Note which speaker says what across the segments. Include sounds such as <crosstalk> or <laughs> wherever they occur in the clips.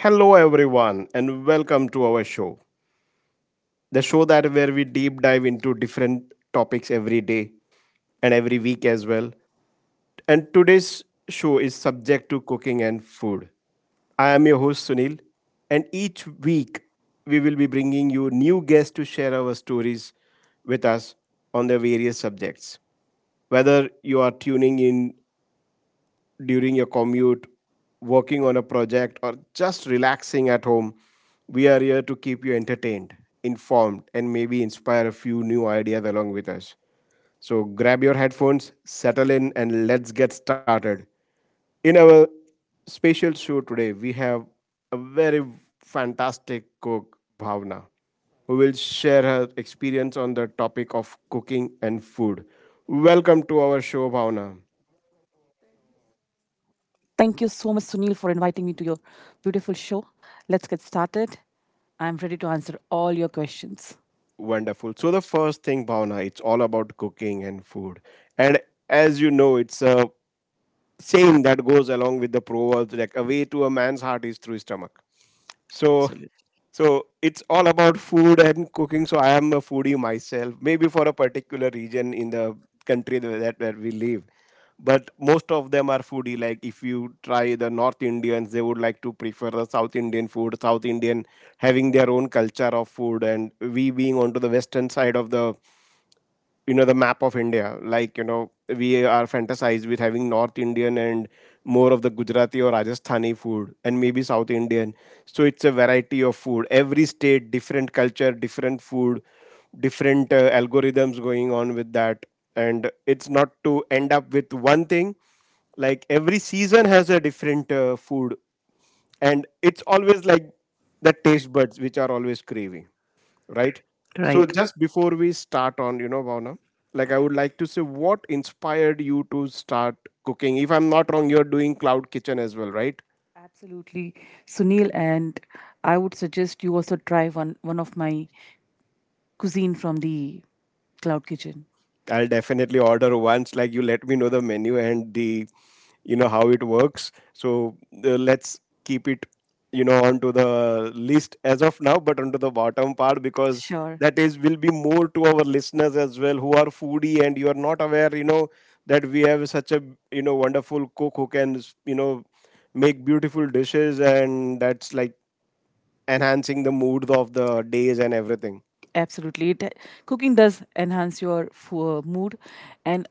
Speaker 1: Hello everyone and welcome to our show. The show that where we deep dive into different topics every day and every week as well. And today's show is subject to cooking and food. I am your host Sunil, and each week we will be bringing you new guests to share our stories with us on the various subjects. Whether you are tuning in during your commute, working on a project, or just relaxing at home, we are here to keep you entertained, informed, and maybe inspire a few new ideas along with us. So grab your headphones, settle in, and let's get started. In our special show today, we have a very fantastic cook, Bhavna, who will share her experience on the topic of cooking and food. Welcome to our show, Bhavna.
Speaker 2: Thank you so much, Sunil, for inviting me to your beautiful show. Let's get started. I'm ready to answer all your questions.
Speaker 1: Wonderful. So the first thing, Bhavna, it's all about cooking and food. And as you know, it's a saying that goes along with the proverb, like a way to a man's heart is through his stomach. So so it's all about food and cooking. So I am a foodie myself, maybe for a particular region in the country that where we live. But most of them are foodie. Like if you try the North Indians, they would like to prefer the South Indian food, South Indian having their own culture of food, and we being onto the western side of the, you know, the map of India, like, you know, we are fantasized with having North Indian and more of the Gujarati or Rajasthani food, and maybe South Indian. So it's a variety of food. Every state, different culture, different food, different algorithms going on with that. And it's not to end up with one thing. Like every season has a different food. And it's always like the taste buds which are always craving, right?
Speaker 2: Right.
Speaker 1: So
Speaker 2: So,
Speaker 1: just before we start on, you know, Bhavna, like I would like to say, what inspired you to start cooking? If I'm not wrong, you're doing cloud kitchen as well, right?
Speaker 2: absolutely, Sunil, and I would suggest you also try one of my cuisine from the Cloud Kitchen.
Speaker 1: I'll definitely order once, like, you let me know the menu and the, you know, how it works. So let's keep it, you know, onto the list as of now, but onto the bottom part, because
Speaker 2: Sure.
Speaker 1: that is will be more to our listeners as well, who are foodie and you are not aware, you know, that we have such a, you know, wonderful cook who can, you know, make beautiful dishes, and that's like enhancing the mood of the days and everything.
Speaker 2: Absolutely. Cooking does enhance your mood. And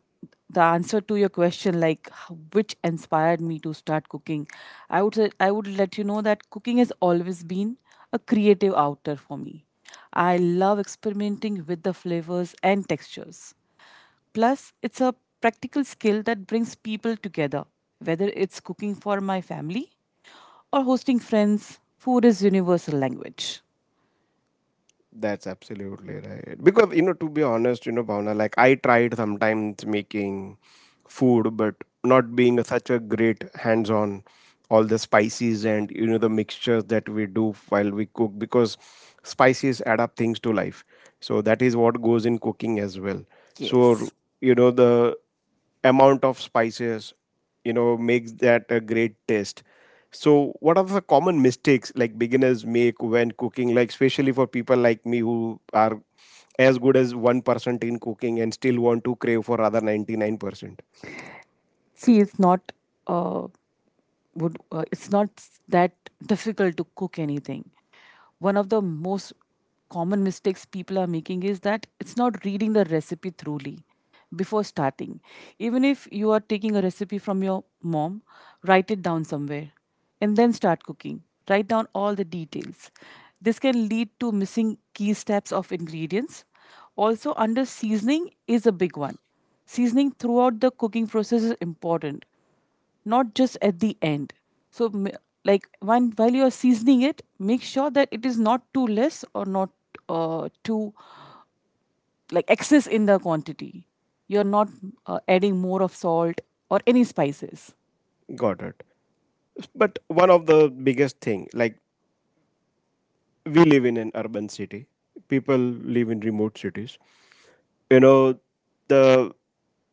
Speaker 2: the answer to your question, like which inspired me to start cooking, I would say, I would let you know that cooking has always been a creative outer for me. I love experimenting with the flavors and textures. Plus, it's a practical skill that brings people together, whether it's cooking for my family or hosting friends. Food is universal language.
Speaker 1: That's absolutely right. Because you know, to be honest, you know, Bhavna, like I tried sometimes making food, but not being a, such a great hands-on all the spices and you know the mixtures that we do while we cook, because spices add up things to life. So that is what goes in cooking as well.
Speaker 2: Yes.
Speaker 1: So you know the amount of spices, you know, makes that a great taste. So what are the common mistakes like beginners make when cooking, like especially for people like me who are as good as 1% in cooking and still want to crave for other 99%?
Speaker 2: See, it's not uh, would it's not s- that difficult to cook anything. One of the most common mistakes people are making is that it's not reading the recipe thoroughly before starting. Even if you are taking a recipe from your mom, write it down somewhere and then start cooking. Write down all the details. This can lead to missing key steps of ingredients. Also, under seasoning is a big one. Seasoning throughout the cooking process is important, not just at the end. So, like when while you are seasoning it, make sure that it is not too less or not too like excess in the quantity. You are not adding more of salt or any spices.
Speaker 1: Got it. But one of the biggest thing, like, we live in an urban city, people live in remote cities, you know, the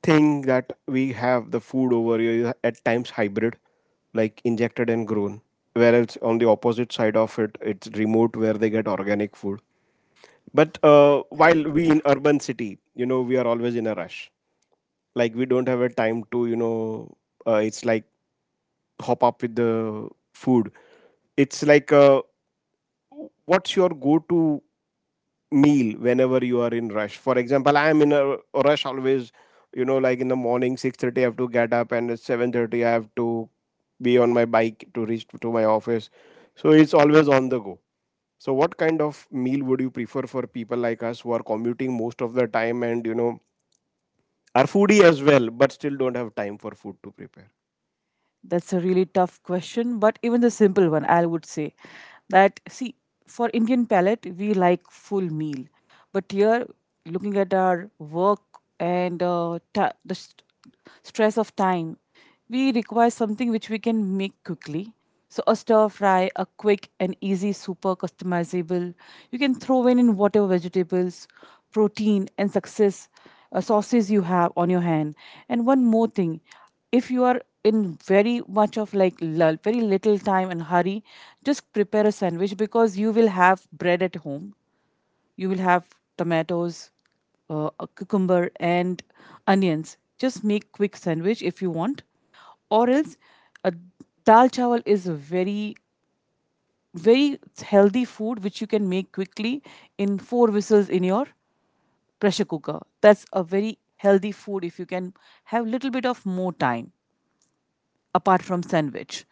Speaker 1: thing that we have the food over here is at times hybrid, like injected and grown, whereas on the opposite side of it, it's remote where they get organic food. But while we in urban city, you know, we are always in a rush. Like we don't have a time to, you know, it's like hop up with the food. It's like what's your go to meal whenever you are in rush? For example, I am in a rush always, you know, like in the morning 6:30 I have to get up, and at 7:30 I have to be on my bike to reach to my office. So it's always on the go. So what kind of meal would you prefer for people like us who are commuting most of the time, and you know, are foodie as well, but still don't have time for food to prepare?
Speaker 2: That's a really tough question, but even the simple one, I would say that see, for Indian palate, we like full meal, but here, looking at our work and the stress of time, we require something which we can make quickly. So a stir fry, a quick and easy, super customizable. You can throw in whatever vegetables, protein, and success sauces you have on your hand. And one more thing, if you are in very much of like very little time and hurry, just prepare a sandwich because you will have bread at home, you will have tomatoes, a cucumber and onions. Just make quick sandwich if you want. Or else, uh, dal chawal is a very, very healthy food which you can make quickly in four whistles in your pressure cooker. That's a very healthy food if you can have little bit of more time apart from sandwich,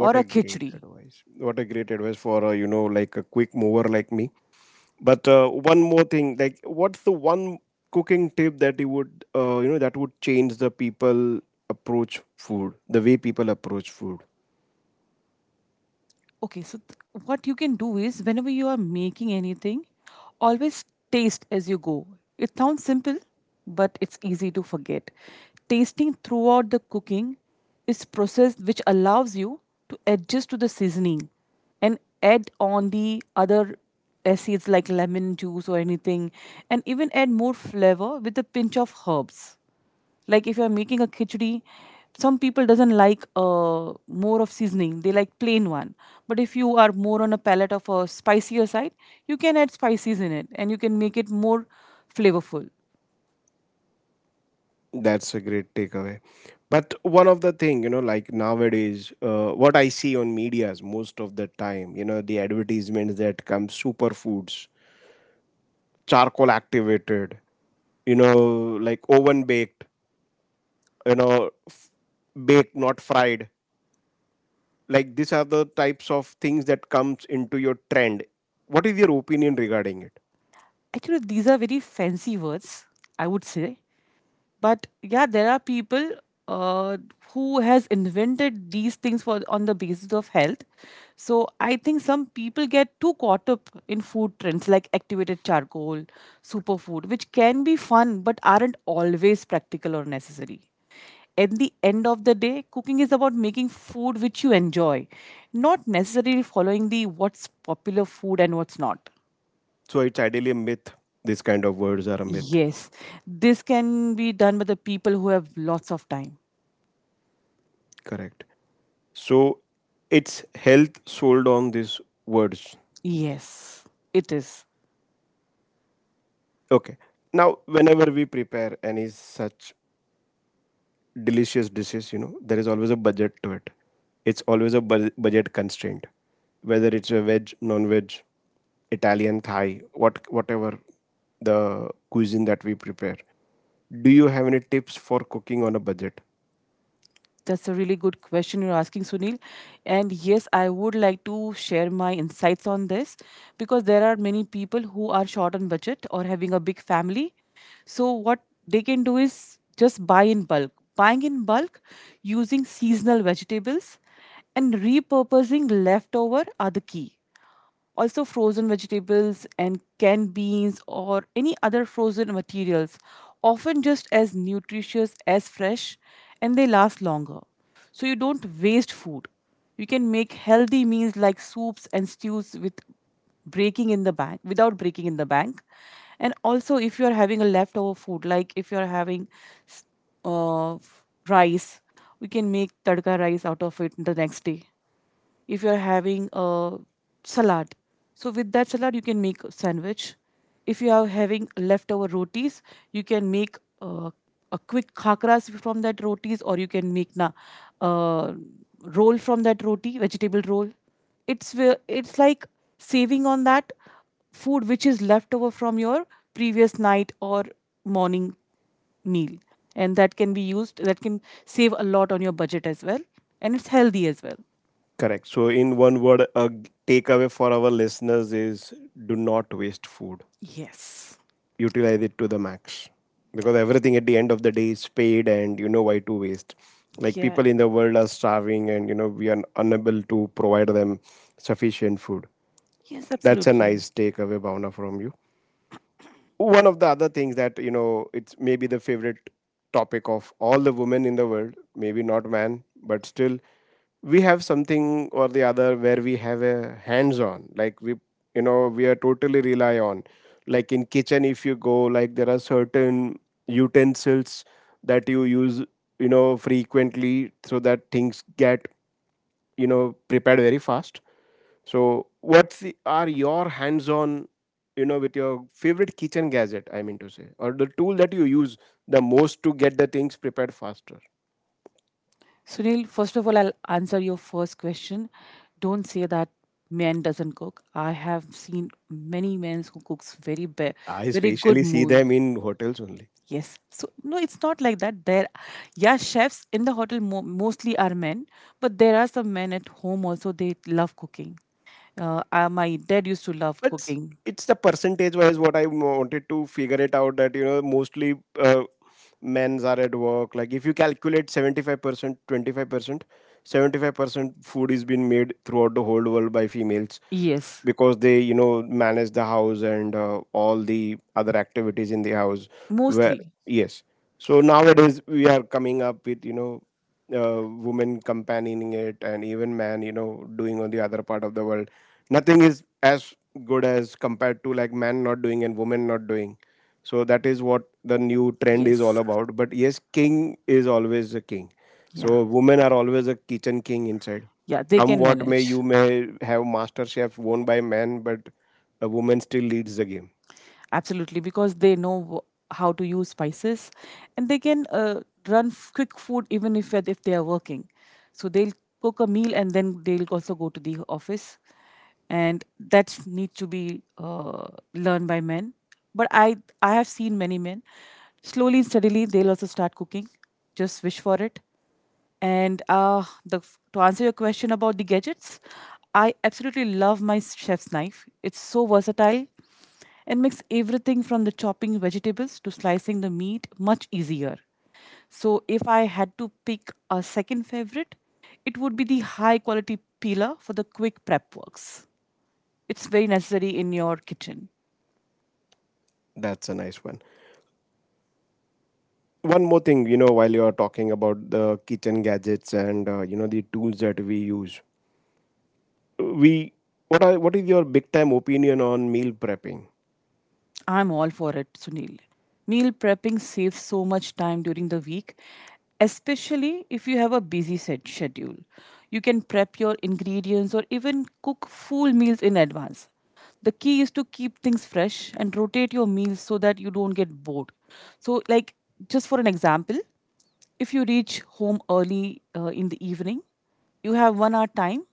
Speaker 1: What a
Speaker 2: a
Speaker 1: great
Speaker 2: khichdi.
Speaker 1: advice, what a great advice for a, you know, like a quick mover like me. But one more thing, like, what's the one cooking tip that you would, you know, that would change the people approach food, the way people approach food?
Speaker 2: Okay, so what you can do is whenever you are making anything, always taste as you go. It sounds simple, but it's easy to forget. Tasting throughout the cooking is process which allows you to adjust to the seasoning and add on the other acids like lemon juice or anything, and even add more flavor with a pinch of herbs. Like if you're making a khichdi, some people doesn't like more of seasoning. They like plain one. But if you are more on a palate of a spicier side, you can add spices in it and you can make it more flavorful.
Speaker 1: That's a great takeaway. But one of the thing, you know, like nowadays, what I see on media's most of the time, you know, the advertisements that come superfoods, charcoal activated, you know, like oven baked, you know, baked not fried, like these are the types of things that comes into your trend. What is your opinion regarding it?
Speaker 2: Actually, these are very fancy words, I would say. But yeah, there are people uh, who has invented these things for on the basis of health. So I think some people get too caught up in food trends like activated charcoal, superfood, which can be fun but aren't always practical or necessary. At the end of the day, cooking is about making food which you enjoy, not necessarily following the what's popular food and what's not.
Speaker 1: So it's ideally a myth? These kind of words are a myth?
Speaker 2: Yes, this can be done by the people who have lots of time.
Speaker 1: Correct. So it's health sold on these words.
Speaker 2: Yes, it is.
Speaker 1: Okay. Now whenever we prepare any such delicious dishes, you know, there is always a budget to it. It's always a budget constraint. Whether it's a veg, non-veg, Italian, Thai, what, whatever the cuisine that we prepare, do you have any tips for cooking on a budget?
Speaker 2: That's a really good question you're asking, Sunil. And yes, I would like to share my insights on this because there are many people who are short on budget or having a big family. So, what they can do is just buy in bulk, buying in bulk, using seasonal vegetables and repurposing leftover are the key. Also, frozen vegetables and canned beans or any other frozen materials, often just as nutritious as fresh, and they last longer. So, you don't waste food. You can make healthy meals like soups and stews with breaking in the bank, without breaking in the bank. And also if you are having a leftover food, like if you are having s- rice, we can make tadka rice out of it the next day. If you're having a salad, so with that salad you can make a sandwich. If you are having leftover rotis, you can make a quick khakras from that rotis, or you can make na uh, roll from that roti, vegetable roll. It's like saving on that food which is left over from your previous night or morning meal. And that can be used. That can save a lot on your budget as well, and it's healthy as well.
Speaker 1: Correct. So in one word, a takeaway for our listeners is, do not waste food,
Speaker 2: Yes.
Speaker 1: utilize it to the max,
Speaker 2: Yeah,
Speaker 1: because everything at the end of the day is paid, and you know why to waste, like
Speaker 2: yeah,
Speaker 1: people in the world are starving, and you know we are unable to provide them sufficient food.
Speaker 2: yes,
Speaker 1: That's a
Speaker 2: absolutely.
Speaker 1: nice takeaway, Bhavna, from you. One of the other things that, you know, it's maybe the favorite topic of all the women in the world, maybe not man, but still we have something or the other where we have a hands on, like we, you know, we are totally rely on, like in kitchen if you go, like there are certain utensils that you use, you know, frequently, so that things get, you know, prepared very fast. So what's the, are your hands on, you know, with your favorite kitchen gadget, I mean to say, or the tool that you use the most to get the things prepared faster?
Speaker 2: Sunil, first of all, I'll answer your first question. Don't say that men doesn't cook. I have seen many men who cooks
Speaker 1: I
Speaker 2: very good
Speaker 1: especially see
Speaker 2: meal.
Speaker 1: them in hotels only.
Speaker 2: Yes. So no, it's not like that. Yeah, chefs in the hotel mo mostly are men, but there are some men at home also. They love cooking. My dad used to love
Speaker 1: But s-
Speaker 2: cooking.
Speaker 1: it's the percentage wise what I wanted to figure it out, that you know mostly men's are at work. Like if you calculate 75%, 25%, 75% food is being made throughout the whole world by females,
Speaker 2: Yes,
Speaker 1: because they you know manage the house and all the other activities in the house, where
Speaker 2: mostly.
Speaker 1: yes. So nowadays we are coming up with, you know, uh, women companioning it, and even man, you know, doing on the other part of the world. Nothing is as good as compared to like man not doing and woman not doing. So that is what the new trend
Speaker 2: Yes.
Speaker 1: is all about. But yes, king is always a king.
Speaker 2: Yeah.
Speaker 1: So women are always a kitchen king inside.
Speaker 2: Yeah, they
Speaker 1: Come
Speaker 2: can
Speaker 1: what may,
Speaker 2: manage.
Speaker 1: you may have Master Chef won by men, but a woman still leads the game.
Speaker 2: Absolutely, because they know how to use spices, and they can run quick food even if they are working. So they'll cook a meal and then they'll also go to the office, and that's need to be learned by men. But I have seen many men slowly and steadily they'll also start cooking. Just wish for it. And to answer your question about the gadgets, I absolutely love my chef's knife. It's so versatile and makes everything from the chopping vegetables to slicing the meat much easier. So, if I had to pick a second favorite, it would be the high quality peeler for the quick prep works. It's very necessary in your kitchen.
Speaker 1: That's a nice one. One more thing, you know, while you are talking about the kitchen gadgets and you know the tools that we use, we, what are, what is your big time opinion on meal prepping?
Speaker 2: I'm all for it, Sunil. Meal prepping saves so much time during the week, especially if you have a busy set schedule. You can prep your ingredients or even cook full meals in advance. The key is to keep things fresh and rotate your meals so that you don't get bored. So, like, just for an example, if you reach home early in the evening, you have 1 hour time.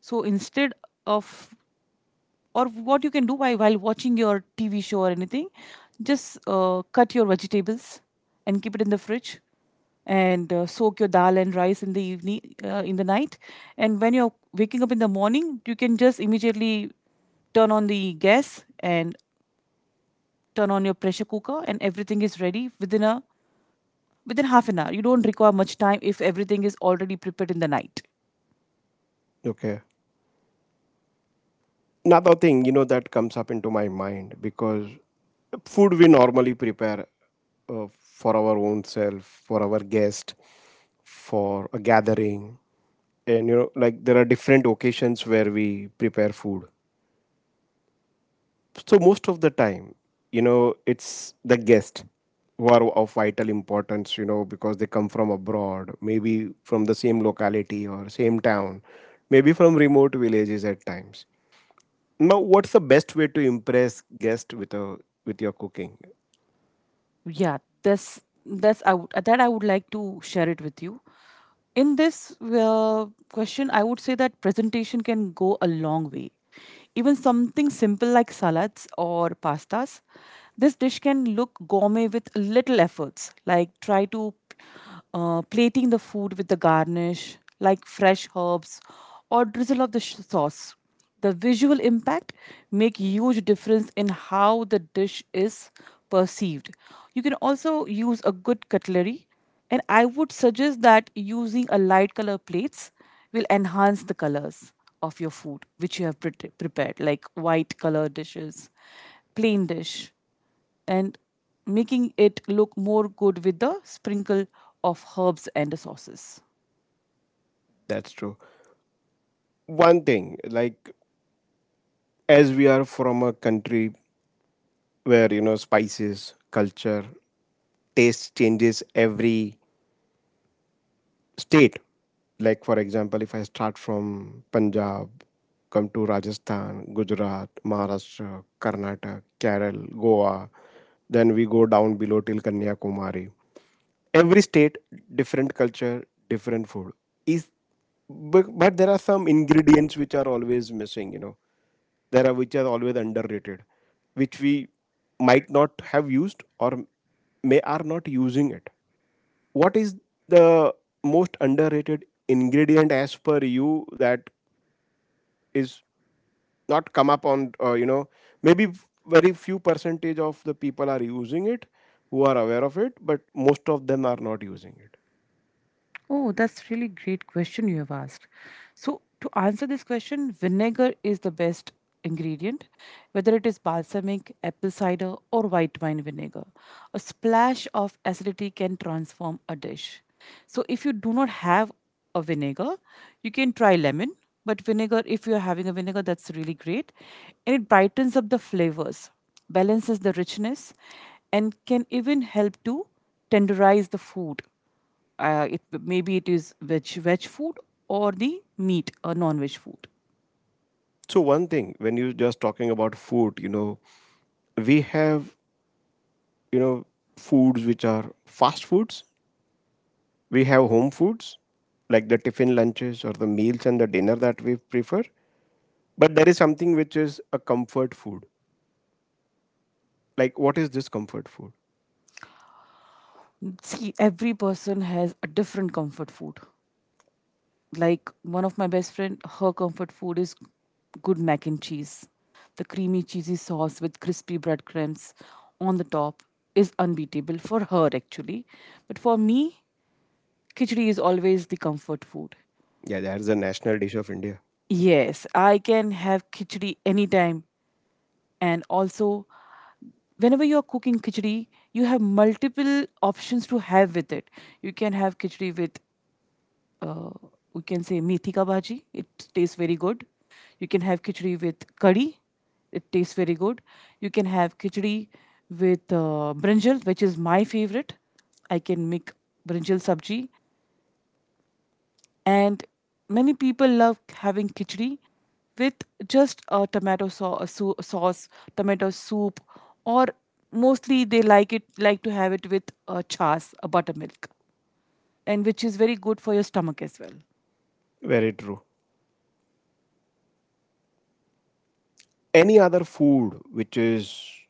Speaker 2: So instead of or what you can do while watching your TV show or anything, just cut your vegetables and keep it in the fridge, and soak your dal and rice in the evening, in the night. And when you're waking up in the morning, you can just immediately turn on the gas and turn on your pressure cooker, and everything is ready within half an hour. You don't require much time if everything is already prepared in the night.
Speaker 1: Okay, another thing, you know, that comes up into my mind, because food we normally prepare for our own self, for our guest, for a gathering, and you know like there are different occasions where we prepare food. So most of the time, you know, it's the guest who are of vital importance, you know, because they come from abroad, maybe from the same locality or same town, maybe from remote villages at times. Now, what's the best way to impress guests with a, with your cooking?
Speaker 2: Yeah, this I would like to share it with you in this question. I would say that presentation can go a long way. Even something simple like salads or pastas, this dish can look gourmet with little efforts. Like, try to plating the food with the garnish like fresh herbs or drizzle of the sauce. The visual impact make huge difference in how the dish is perceived. You can also use a good cutlery, and I would suggest that using a light color plates will enhance the colors of your food which you have prepared, like white color dishes, plain dish, and making it look more good with the sprinkle of herbs and sauces.
Speaker 1: That's true. One thing, like, as we are from a country where, you know, spices, culture, taste changes every state. Like for example, if I start from Punjab, come to Rajasthan, Gujarat, Maharashtra, Karnataka, Kerala, Goa, then we go down below till Kanyakumari. Every state, different culture, different food. Is but there are some ingredients which are always missing. There are which are always underrated which we might not have used or may are not using it. What is the most underrated ingredient as per you that is not come up on? Maybe very few percentage of the people are using it, who are aware of it but most of them are not using it.
Speaker 2: Oh, that's really great question you have asked. So, to answer this question, vinegar is the best ingredient, whether it is balsamic, apple cider, or white wine vinegar. A splash of acidity can transform a dish. So, if you do not have a vinegar, you can try lemon. But vinegar, if you're having a vinegar, that's really great. And it brightens up the flavors, balances the richness, and can even help to tenderize the food. It maybe it is veg food or the meat or non-veg food.
Speaker 1: So one thing, when you just talking about food, we have you know foods which are fast foods, we have home foods like the tiffin lunches or the meals and the dinner that we prefer, but there is something which is a comfort food. Like, what is this comfort food?
Speaker 2: See, every person has a different comfort food. Like, one of my best friend her comfort food is good mac and cheese. The creamy cheesy sauce with crispy breadcrumbs on the top is unbeatable for her actually. But for me, khichdi is always the comfort food.
Speaker 1: Yeah, that's the national dish of India.
Speaker 2: Yes, I can have khichdi anytime. And also, whenever you're cooking khichdi, you have multiple options to have with it. You can have khichdi with, uh, we can say methi ka bhaji. It tastes very good. You can have khichdi with curry. It tastes very good. You can have khichdi with brinjal, which is my favorite. I can make brinjal sabji. And many people love having khichdi with just a tomato sauce, tomato soup, or mostly they like to have it with a chas, a buttermilk, and which is very good for your stomach as well.
Speaker 1: Very true. Any other food which is,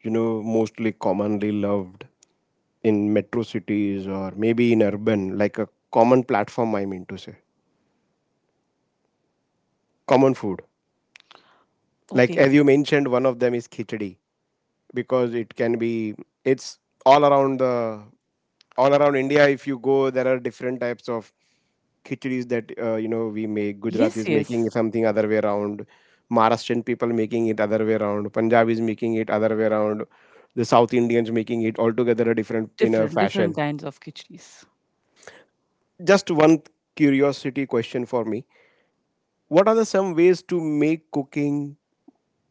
Speaker 1: you know, mostly commonly loved in metro cities or maybe in urban, like a common platform, I mean to say, common food. Like
Speaker 2: Okay.
Speaker 1: as you mentioned, one of them is khichdi because it can be, it's all around the all around India. If you go, there are different types of khichdis that you know we make. Gujarat
Speaker 2: Yes,
Speaker 1: is making
Speaker 2: yes.
Speaker 1: something other way around. Maharashtrian people making it other way around. Punjab is making it other way around. The South Indians making it altogether a different in a
Speaker 2: Different
Speaker 1: fashion.
Speaker 2: kinds of khichdis.
Speaker 1: Just one curiosity question for me: what are the some ways to make cooking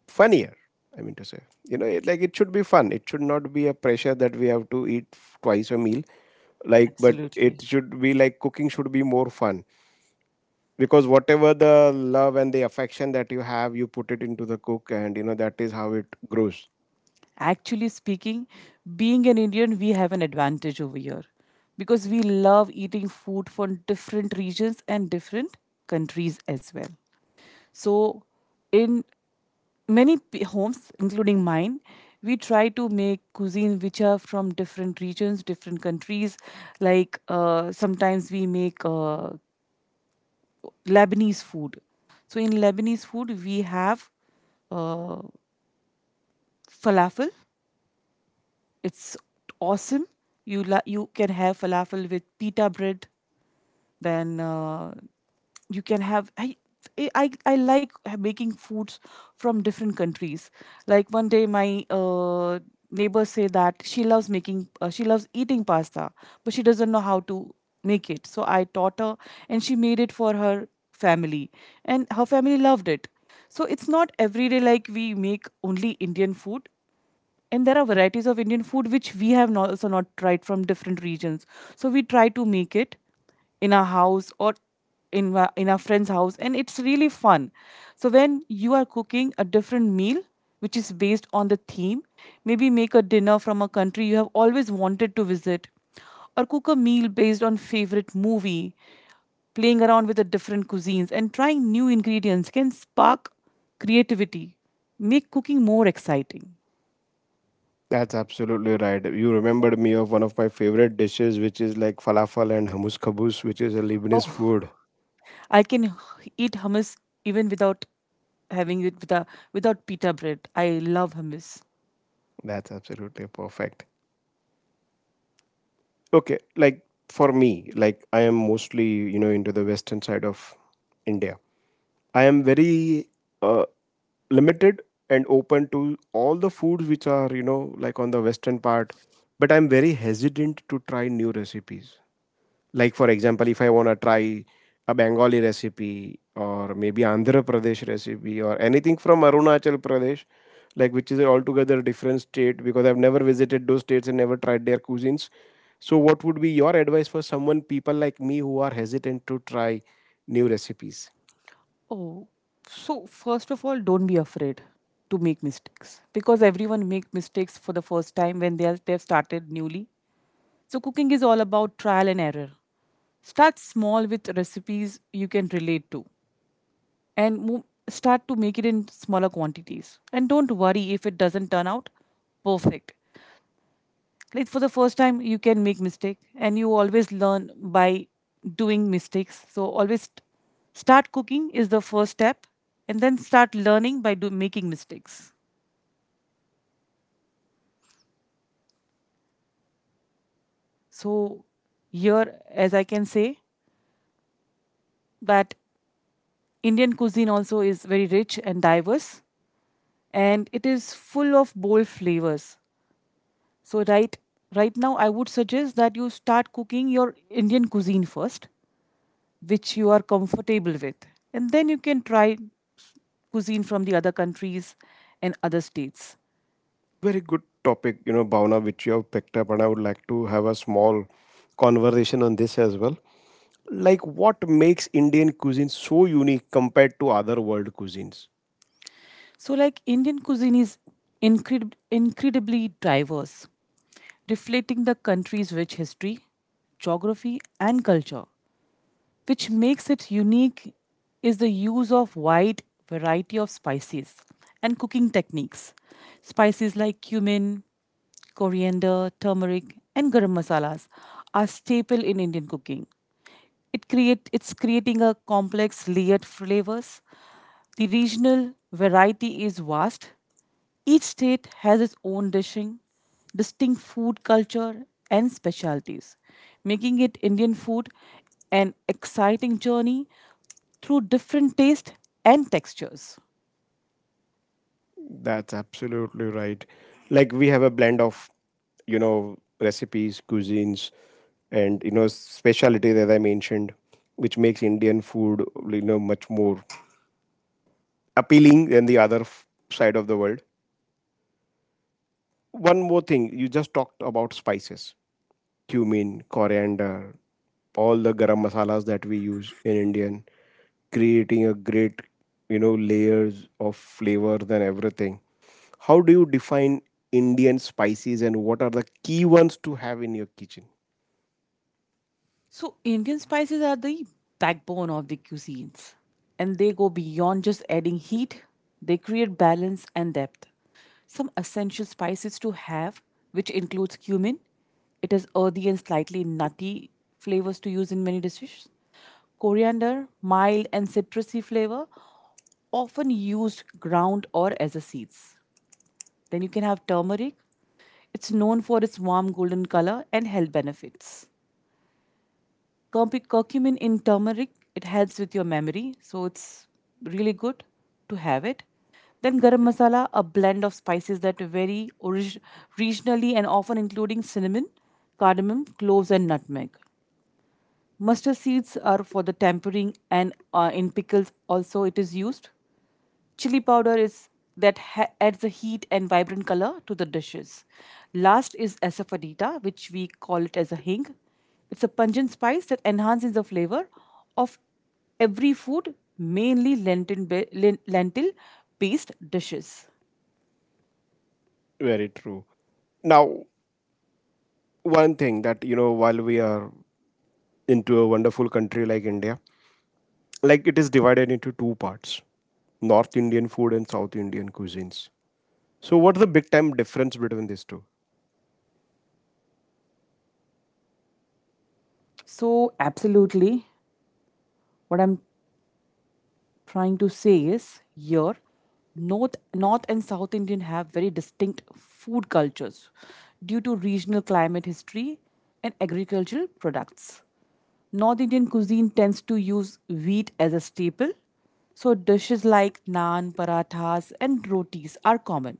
Speaker 1: funnier, I mean to say, you know it, like it should be fun, it should not be a pressure that we have to eat twice a meal, like, but it
Speaker 2: Absolutely.
Speaker 1: should be like cooking should be more fun. Because whatever the love and the affection that you have, you put it into the cook, and you know that is how it grows.
Speaker 2: Actually speaking, being an Indian, we have an advantage over here because we love eating food from different regions and different countries as well. So, in many homes, including mine, we try to make cuisine which are from different regions, different countries. Like sometimes we make Lebanese food. So, in Lebanese food, we have uh, falafel. It's awesome. You can have falafel with pita bread. Then you can have I like making foods from different countries. Like one day my neighbors say that she loves making she loves eating pasta, but she doesn't know how to make it. So I taught her, and she made it for her family, and her family loved it. So it's not every day like we make only Indian food, and there are varieties of Indian food which we have not, also not tried from different regions. So we try to make it in our house or in in our friend's house, and it's really fun. So when you are cooking a different meal which is based on the theme, maybe make a dinner from a country you have always wanted to visit, or cook a meal based on favorite movie, playing around with the different cuisines and trying new ingredients can spark creativity, make cooking more exciting.
Speaker 1: That's absolutely right. You remembered me of one of my favorite dishes, which is like falafel and hummus kabus, which is a Lebanese food.
Speaker 2: I can h- eat hummus even without having it with a, without pita bread. I love hummus.
Speaker 1: That's absolutely perfect. Okay, like for me, like I am mostly, you know, into the western side of India. I am very uh, limited and open to all the foods which are, you know, like on the western part, but I'm very hesitant to try new recipes. Like, for example, if I want to try a Bengali recipe or maybe Andhra Pradesh recipe or anything from Arunachal Pradesh, like which is an altogether different state because I've never visited those states and never tried their cuisines. So, what would be your advice for someone, people like me who are hesitant to try new recipes?
Speaker 2: Oh, so first of all, don't be afraid to make mistakes because everyone make mistakes for the first time when they've started newly. So cooking is all about trial and error. Start small with recipes you can relate to and start to make it in smaller quantities. And don't worry if it doesn't turn out perfect. Like for the first time you can make mistake and you always learn by doing mistakes, so always start cooking is the first step, and then start learning by making mistakes. So here, as I can say, that Indian cuisine also is very rich and diverse, and it is full of bold flavors. So right now I would suggest that you start cooking your Indian cuisine first, which you are comfortable with, and then you can try cuisine from the other countries and other states.
Speaker 1: Very good topic, you know, Bhavna, which you have picked up, and I would like to have a small conversation on this as well. Like, what makes Indian cuisine so unique compared to other world cuisines?
Speaker 2: So, like Indian cuisine is incredibly diverse, reflecting the country's rich history, geography, and culture. Which makes it unique is the use of wide variety of spices and cooking techniques. Spices like cumin, coriander, turmeric, and garam masalas are staple in Indian cooking. It's creating a complex layered flavors. The regional variety is vast. Each state has its own dishing, distinct food culture, and specialties, making it Indian food an exciting journey through different tastes and textures.
Speaker 1: That's absolutely right. Like we have a blend of, you know, recipes, cuisines, and you know, specialty that I mentioned, which makes Indian food, you know, much more appealing than the other side of the world. One more thing, you just talked about spices, cumin, coriander, all the garam masalas that we use in Indian, creating a great, you know, layers of flavors and everything. How do you define Indian spices and what are the key ones to have in your kitchen?
Speaker 2: So, Indian spices are the backbone of the cuisines, and they go beyond just adding heat, they create balance and depth. Some essential spices to have, which includes cumin, it has earthy and slightly nutty flavors to use in many dishes, coriander, mild and citrusy flavor, often used ground or as a seeds. Then you can have turmeric, it's known for its warm golden color and health benefits. Curcumin in turmeric, it helps with your memory, so it's really good to have it. Then garam masala, a blend of spices that vary orig- regionally and often including cinnamon, cardamom, cloves, and nutmeg. Mustard seeds are for the tempering, and in pickles also it is used. Chili powder is that adds a heat and vibrant color to the dishes. Last is asafoetida, which we call it as a hing. It's a pungent spice that enhances the flavor of every food, mainly lentil, lentil based dishes.
Speaker 1: Very true. Now, one thing that, you know, while we are into a wonderful country like India, like it is divided into two parts, North Indian food and South Indian cuisines. So, what's the big time difference between these two?
Speaker 2: So, absolutely, what I'm trying to say is here, north and south Indian have very distinct food cultures due to regional climate, history, and agricultural products. North Indian cuisine tends to use wheat as a staple, so dishes like naan, parathas, and rotis are common.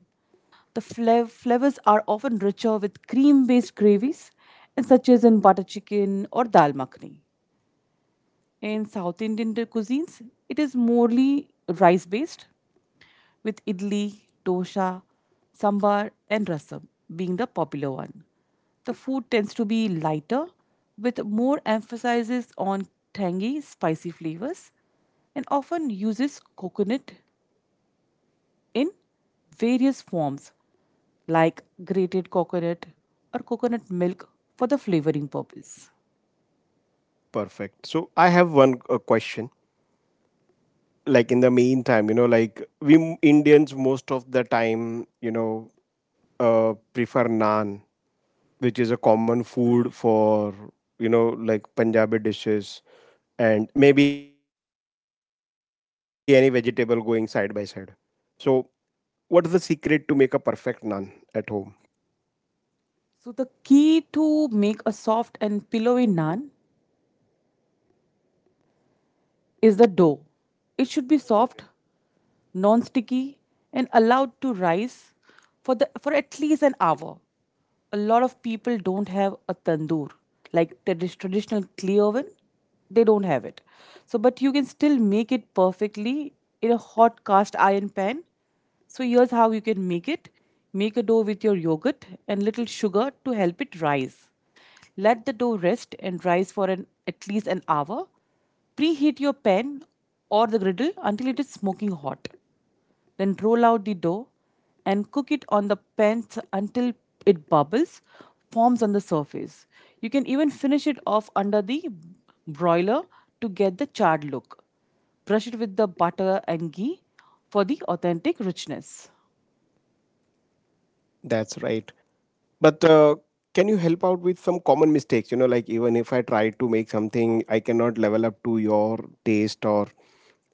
Speaker 2: The flavors are often richer with cream based gravies, and such as in butter chicken or dal makhni. In South Indian cuisines, it is morely rice based, with idli, dosa, sambar, and rasam being the popular one. The food tends to be lighter, with more emphasis on tangy, spicy flavors, and often uses coconut in various forms like grated coconut or coconut milk for the flavoring purpose.
Speaker 1: Perfect. So, I have one question, like in the meantime, you know, like we Indians, most of the time, you know, prefer naan, which is a common food for, you know, like Punjabi dishes, and maybe any vegetable going side by side. So, what's the secret to make a perfect naan at home?
Speaker 2: So the key to make a soft and pillowy naan is the dough. It should be soft, non sticky, and allowed to rise for, the, for at least an hour. A lot of people don't have a tandoor, like the traditional clay oven, they don't have it. So, but you can still make it perfectly in a hot cast iron pan. So, here's how you can make it: make a dough with your yogurt and little sugar to help it rise. Let the dough rest and rise for an, at least an hour. Preheat your pan or the griddle until it is smoking hot. Then roll out the dough and cook it on the pan until it bubbles, forms on the surface. You can even finish it off under the broiler to get the charred look. Brush it with the butter and ghee for the authentic richness.
Speaker 1: That's right. But can you help out with some common mistakes, you know, like even if I try to make something I cannot level up to your taste, or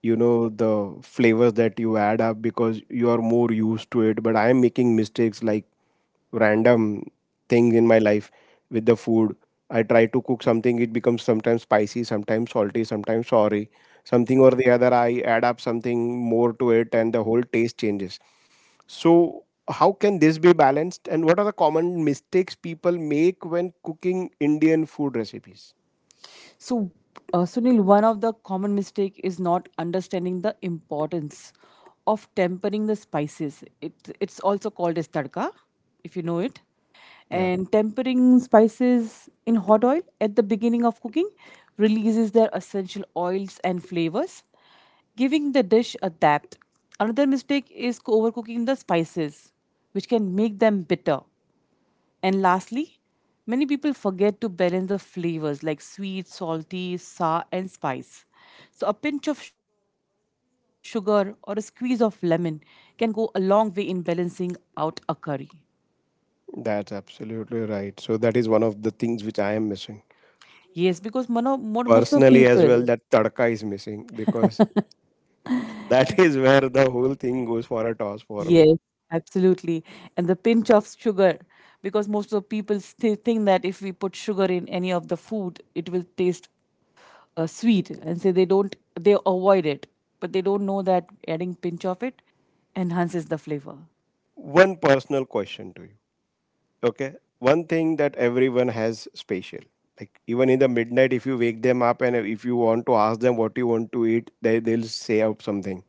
Speaker 1: you know the flavors that you add up because you are more used to it, but I am making mistakes like random things in my life with the food. I try to cook something, it becomes sometimes spicy, sometimes salty, sometimes sorry, something or the other, I add up something more to it and the whole taste changes. So, how can this be balanced, and what are the common mistakes people make when cooking Indian food recipes?
Speaker 2: So, Sunil, one of the common mistake is not understanding the importance of tempering the spices. It it's also called as tadka, if you know it.
Speaker 1: Yeah,
Speaker 2: And tempering spices in hot oil at the beginning of cooking releases their essential oils and flavors, giving the dish a depth. Another mistake is overcooking the spices, which can make them bitter. And lastly, many people forget to balance the flavors like sweet, salty, sour, and spice. So, a pinch of sugar or a squeeze of lemon can go a long way in balancing out a curry.
Speaker 1: that's absolutely right, so that is one of the things which I am missing
Speaker 2: Yes, because most of the
Speaker 1: personally as well,
Speaker 2: people,
Speaker 1: that tadka is missing because that <laughs> is where the whole thing goes for a toss for me.
Speaker 2: yes, absolutely. And the pinch of sugar, because most of people still think that if we put sugar in any of the food, it will taste sweet, and so they don't they avoid it, but they don't know that adding pinch of it enhances the flavor.
Speaker 1: One personal question to you. Okay, one thing that everyone has special, like even in the midnight if you wake them up and if you want to ask them what you want to eat, they'll say out something.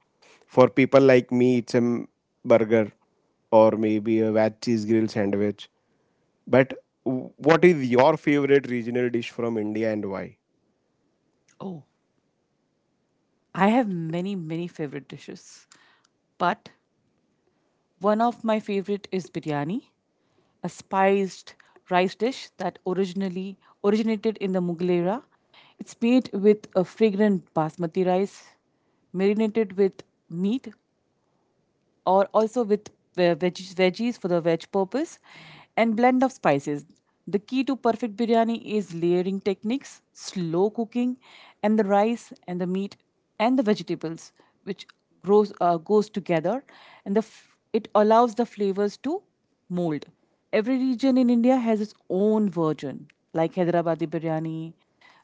Speaker 1: For people like me it's a burger, or maybe a veg cheese grill sandwich. But what is your favorite regional dish from India, and why?
Speaker 2: Oh, I have many favorite dishes, but one of my favorite is biryani, a spiced rice dish that originally originated in the Mughal era. It's made with a fragrant basmati rice, marinated with meat or also with veggies for the veg purpose, and blend of spices. The key to perfect biryani is layering techniques, slow cooking, and the rice and the meat and the vegetables, which grows goes together, and the it allows the flavors to mold. Every region in India has its own version, like Hyderabadi biryani,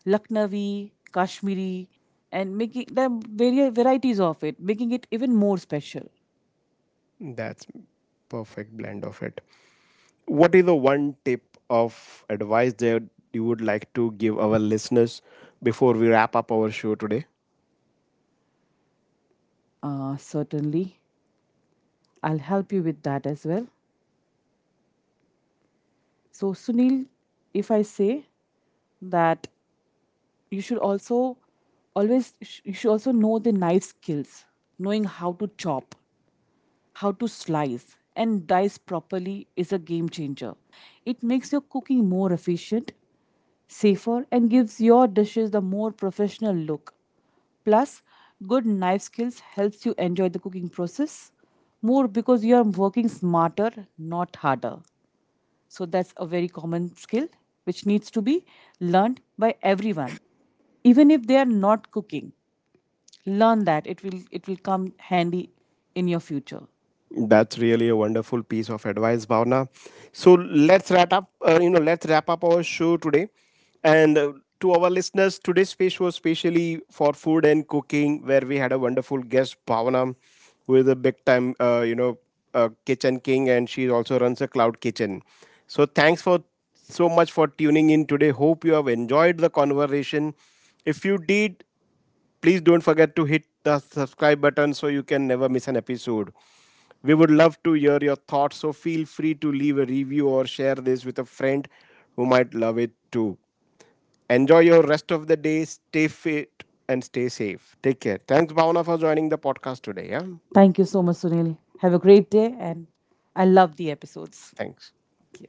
Speaker 2: Lucknowi, Kashmiri, and making there are various varieties of it, making it even more special.
Speaker 1: That's perfect blend of it. What is the one tip of advice that you would like to give our listeners before we wrap up our show today?
Speaker 2: Certainly, I'll help you with that as well. So, Sunil, if I say that you should also always, you should also know the knife skills, knowing how to chop, how to slice and dice properly is a game changer. It makes your cooking more efficient, safer, and gives your dishes the more professional look. Plus, good knife skills helps you enjoy the cooking process more because you are working smarter, not harder. So that's a very common skill which needs to be learned by everyone. Even if they are not cooking, learn that. It will come handy in your future.
Speaker 1: That's really a wonderful piece of advice, Bhavna. So let's wrap up. Let's wrap up our show today. And to our listeners, today's space was specially for food and cooking, where we had a wonderful guest, Bhavna, who is a big time, kitchen king, and she also runs a cloud kitchen. So thanks for so much for tuning in today. Hope you have enjoyed the conversation. If you did, please don't forget to hit the subscribe button so you can never miss an episode. We would love to hear your thoughts, so feel free to leave a review or share this with a friend who might love it too. Enjoy your rest of the day, stay fit, and stay safe. Take care. Thanks, Bhavna, for joining the podcast today. Yeah,
Speaker 2: Thank you so much, Sunil. Have a great day, and I love the episodes.
Speaker 1: thanks.
Speaker 2: Thank you.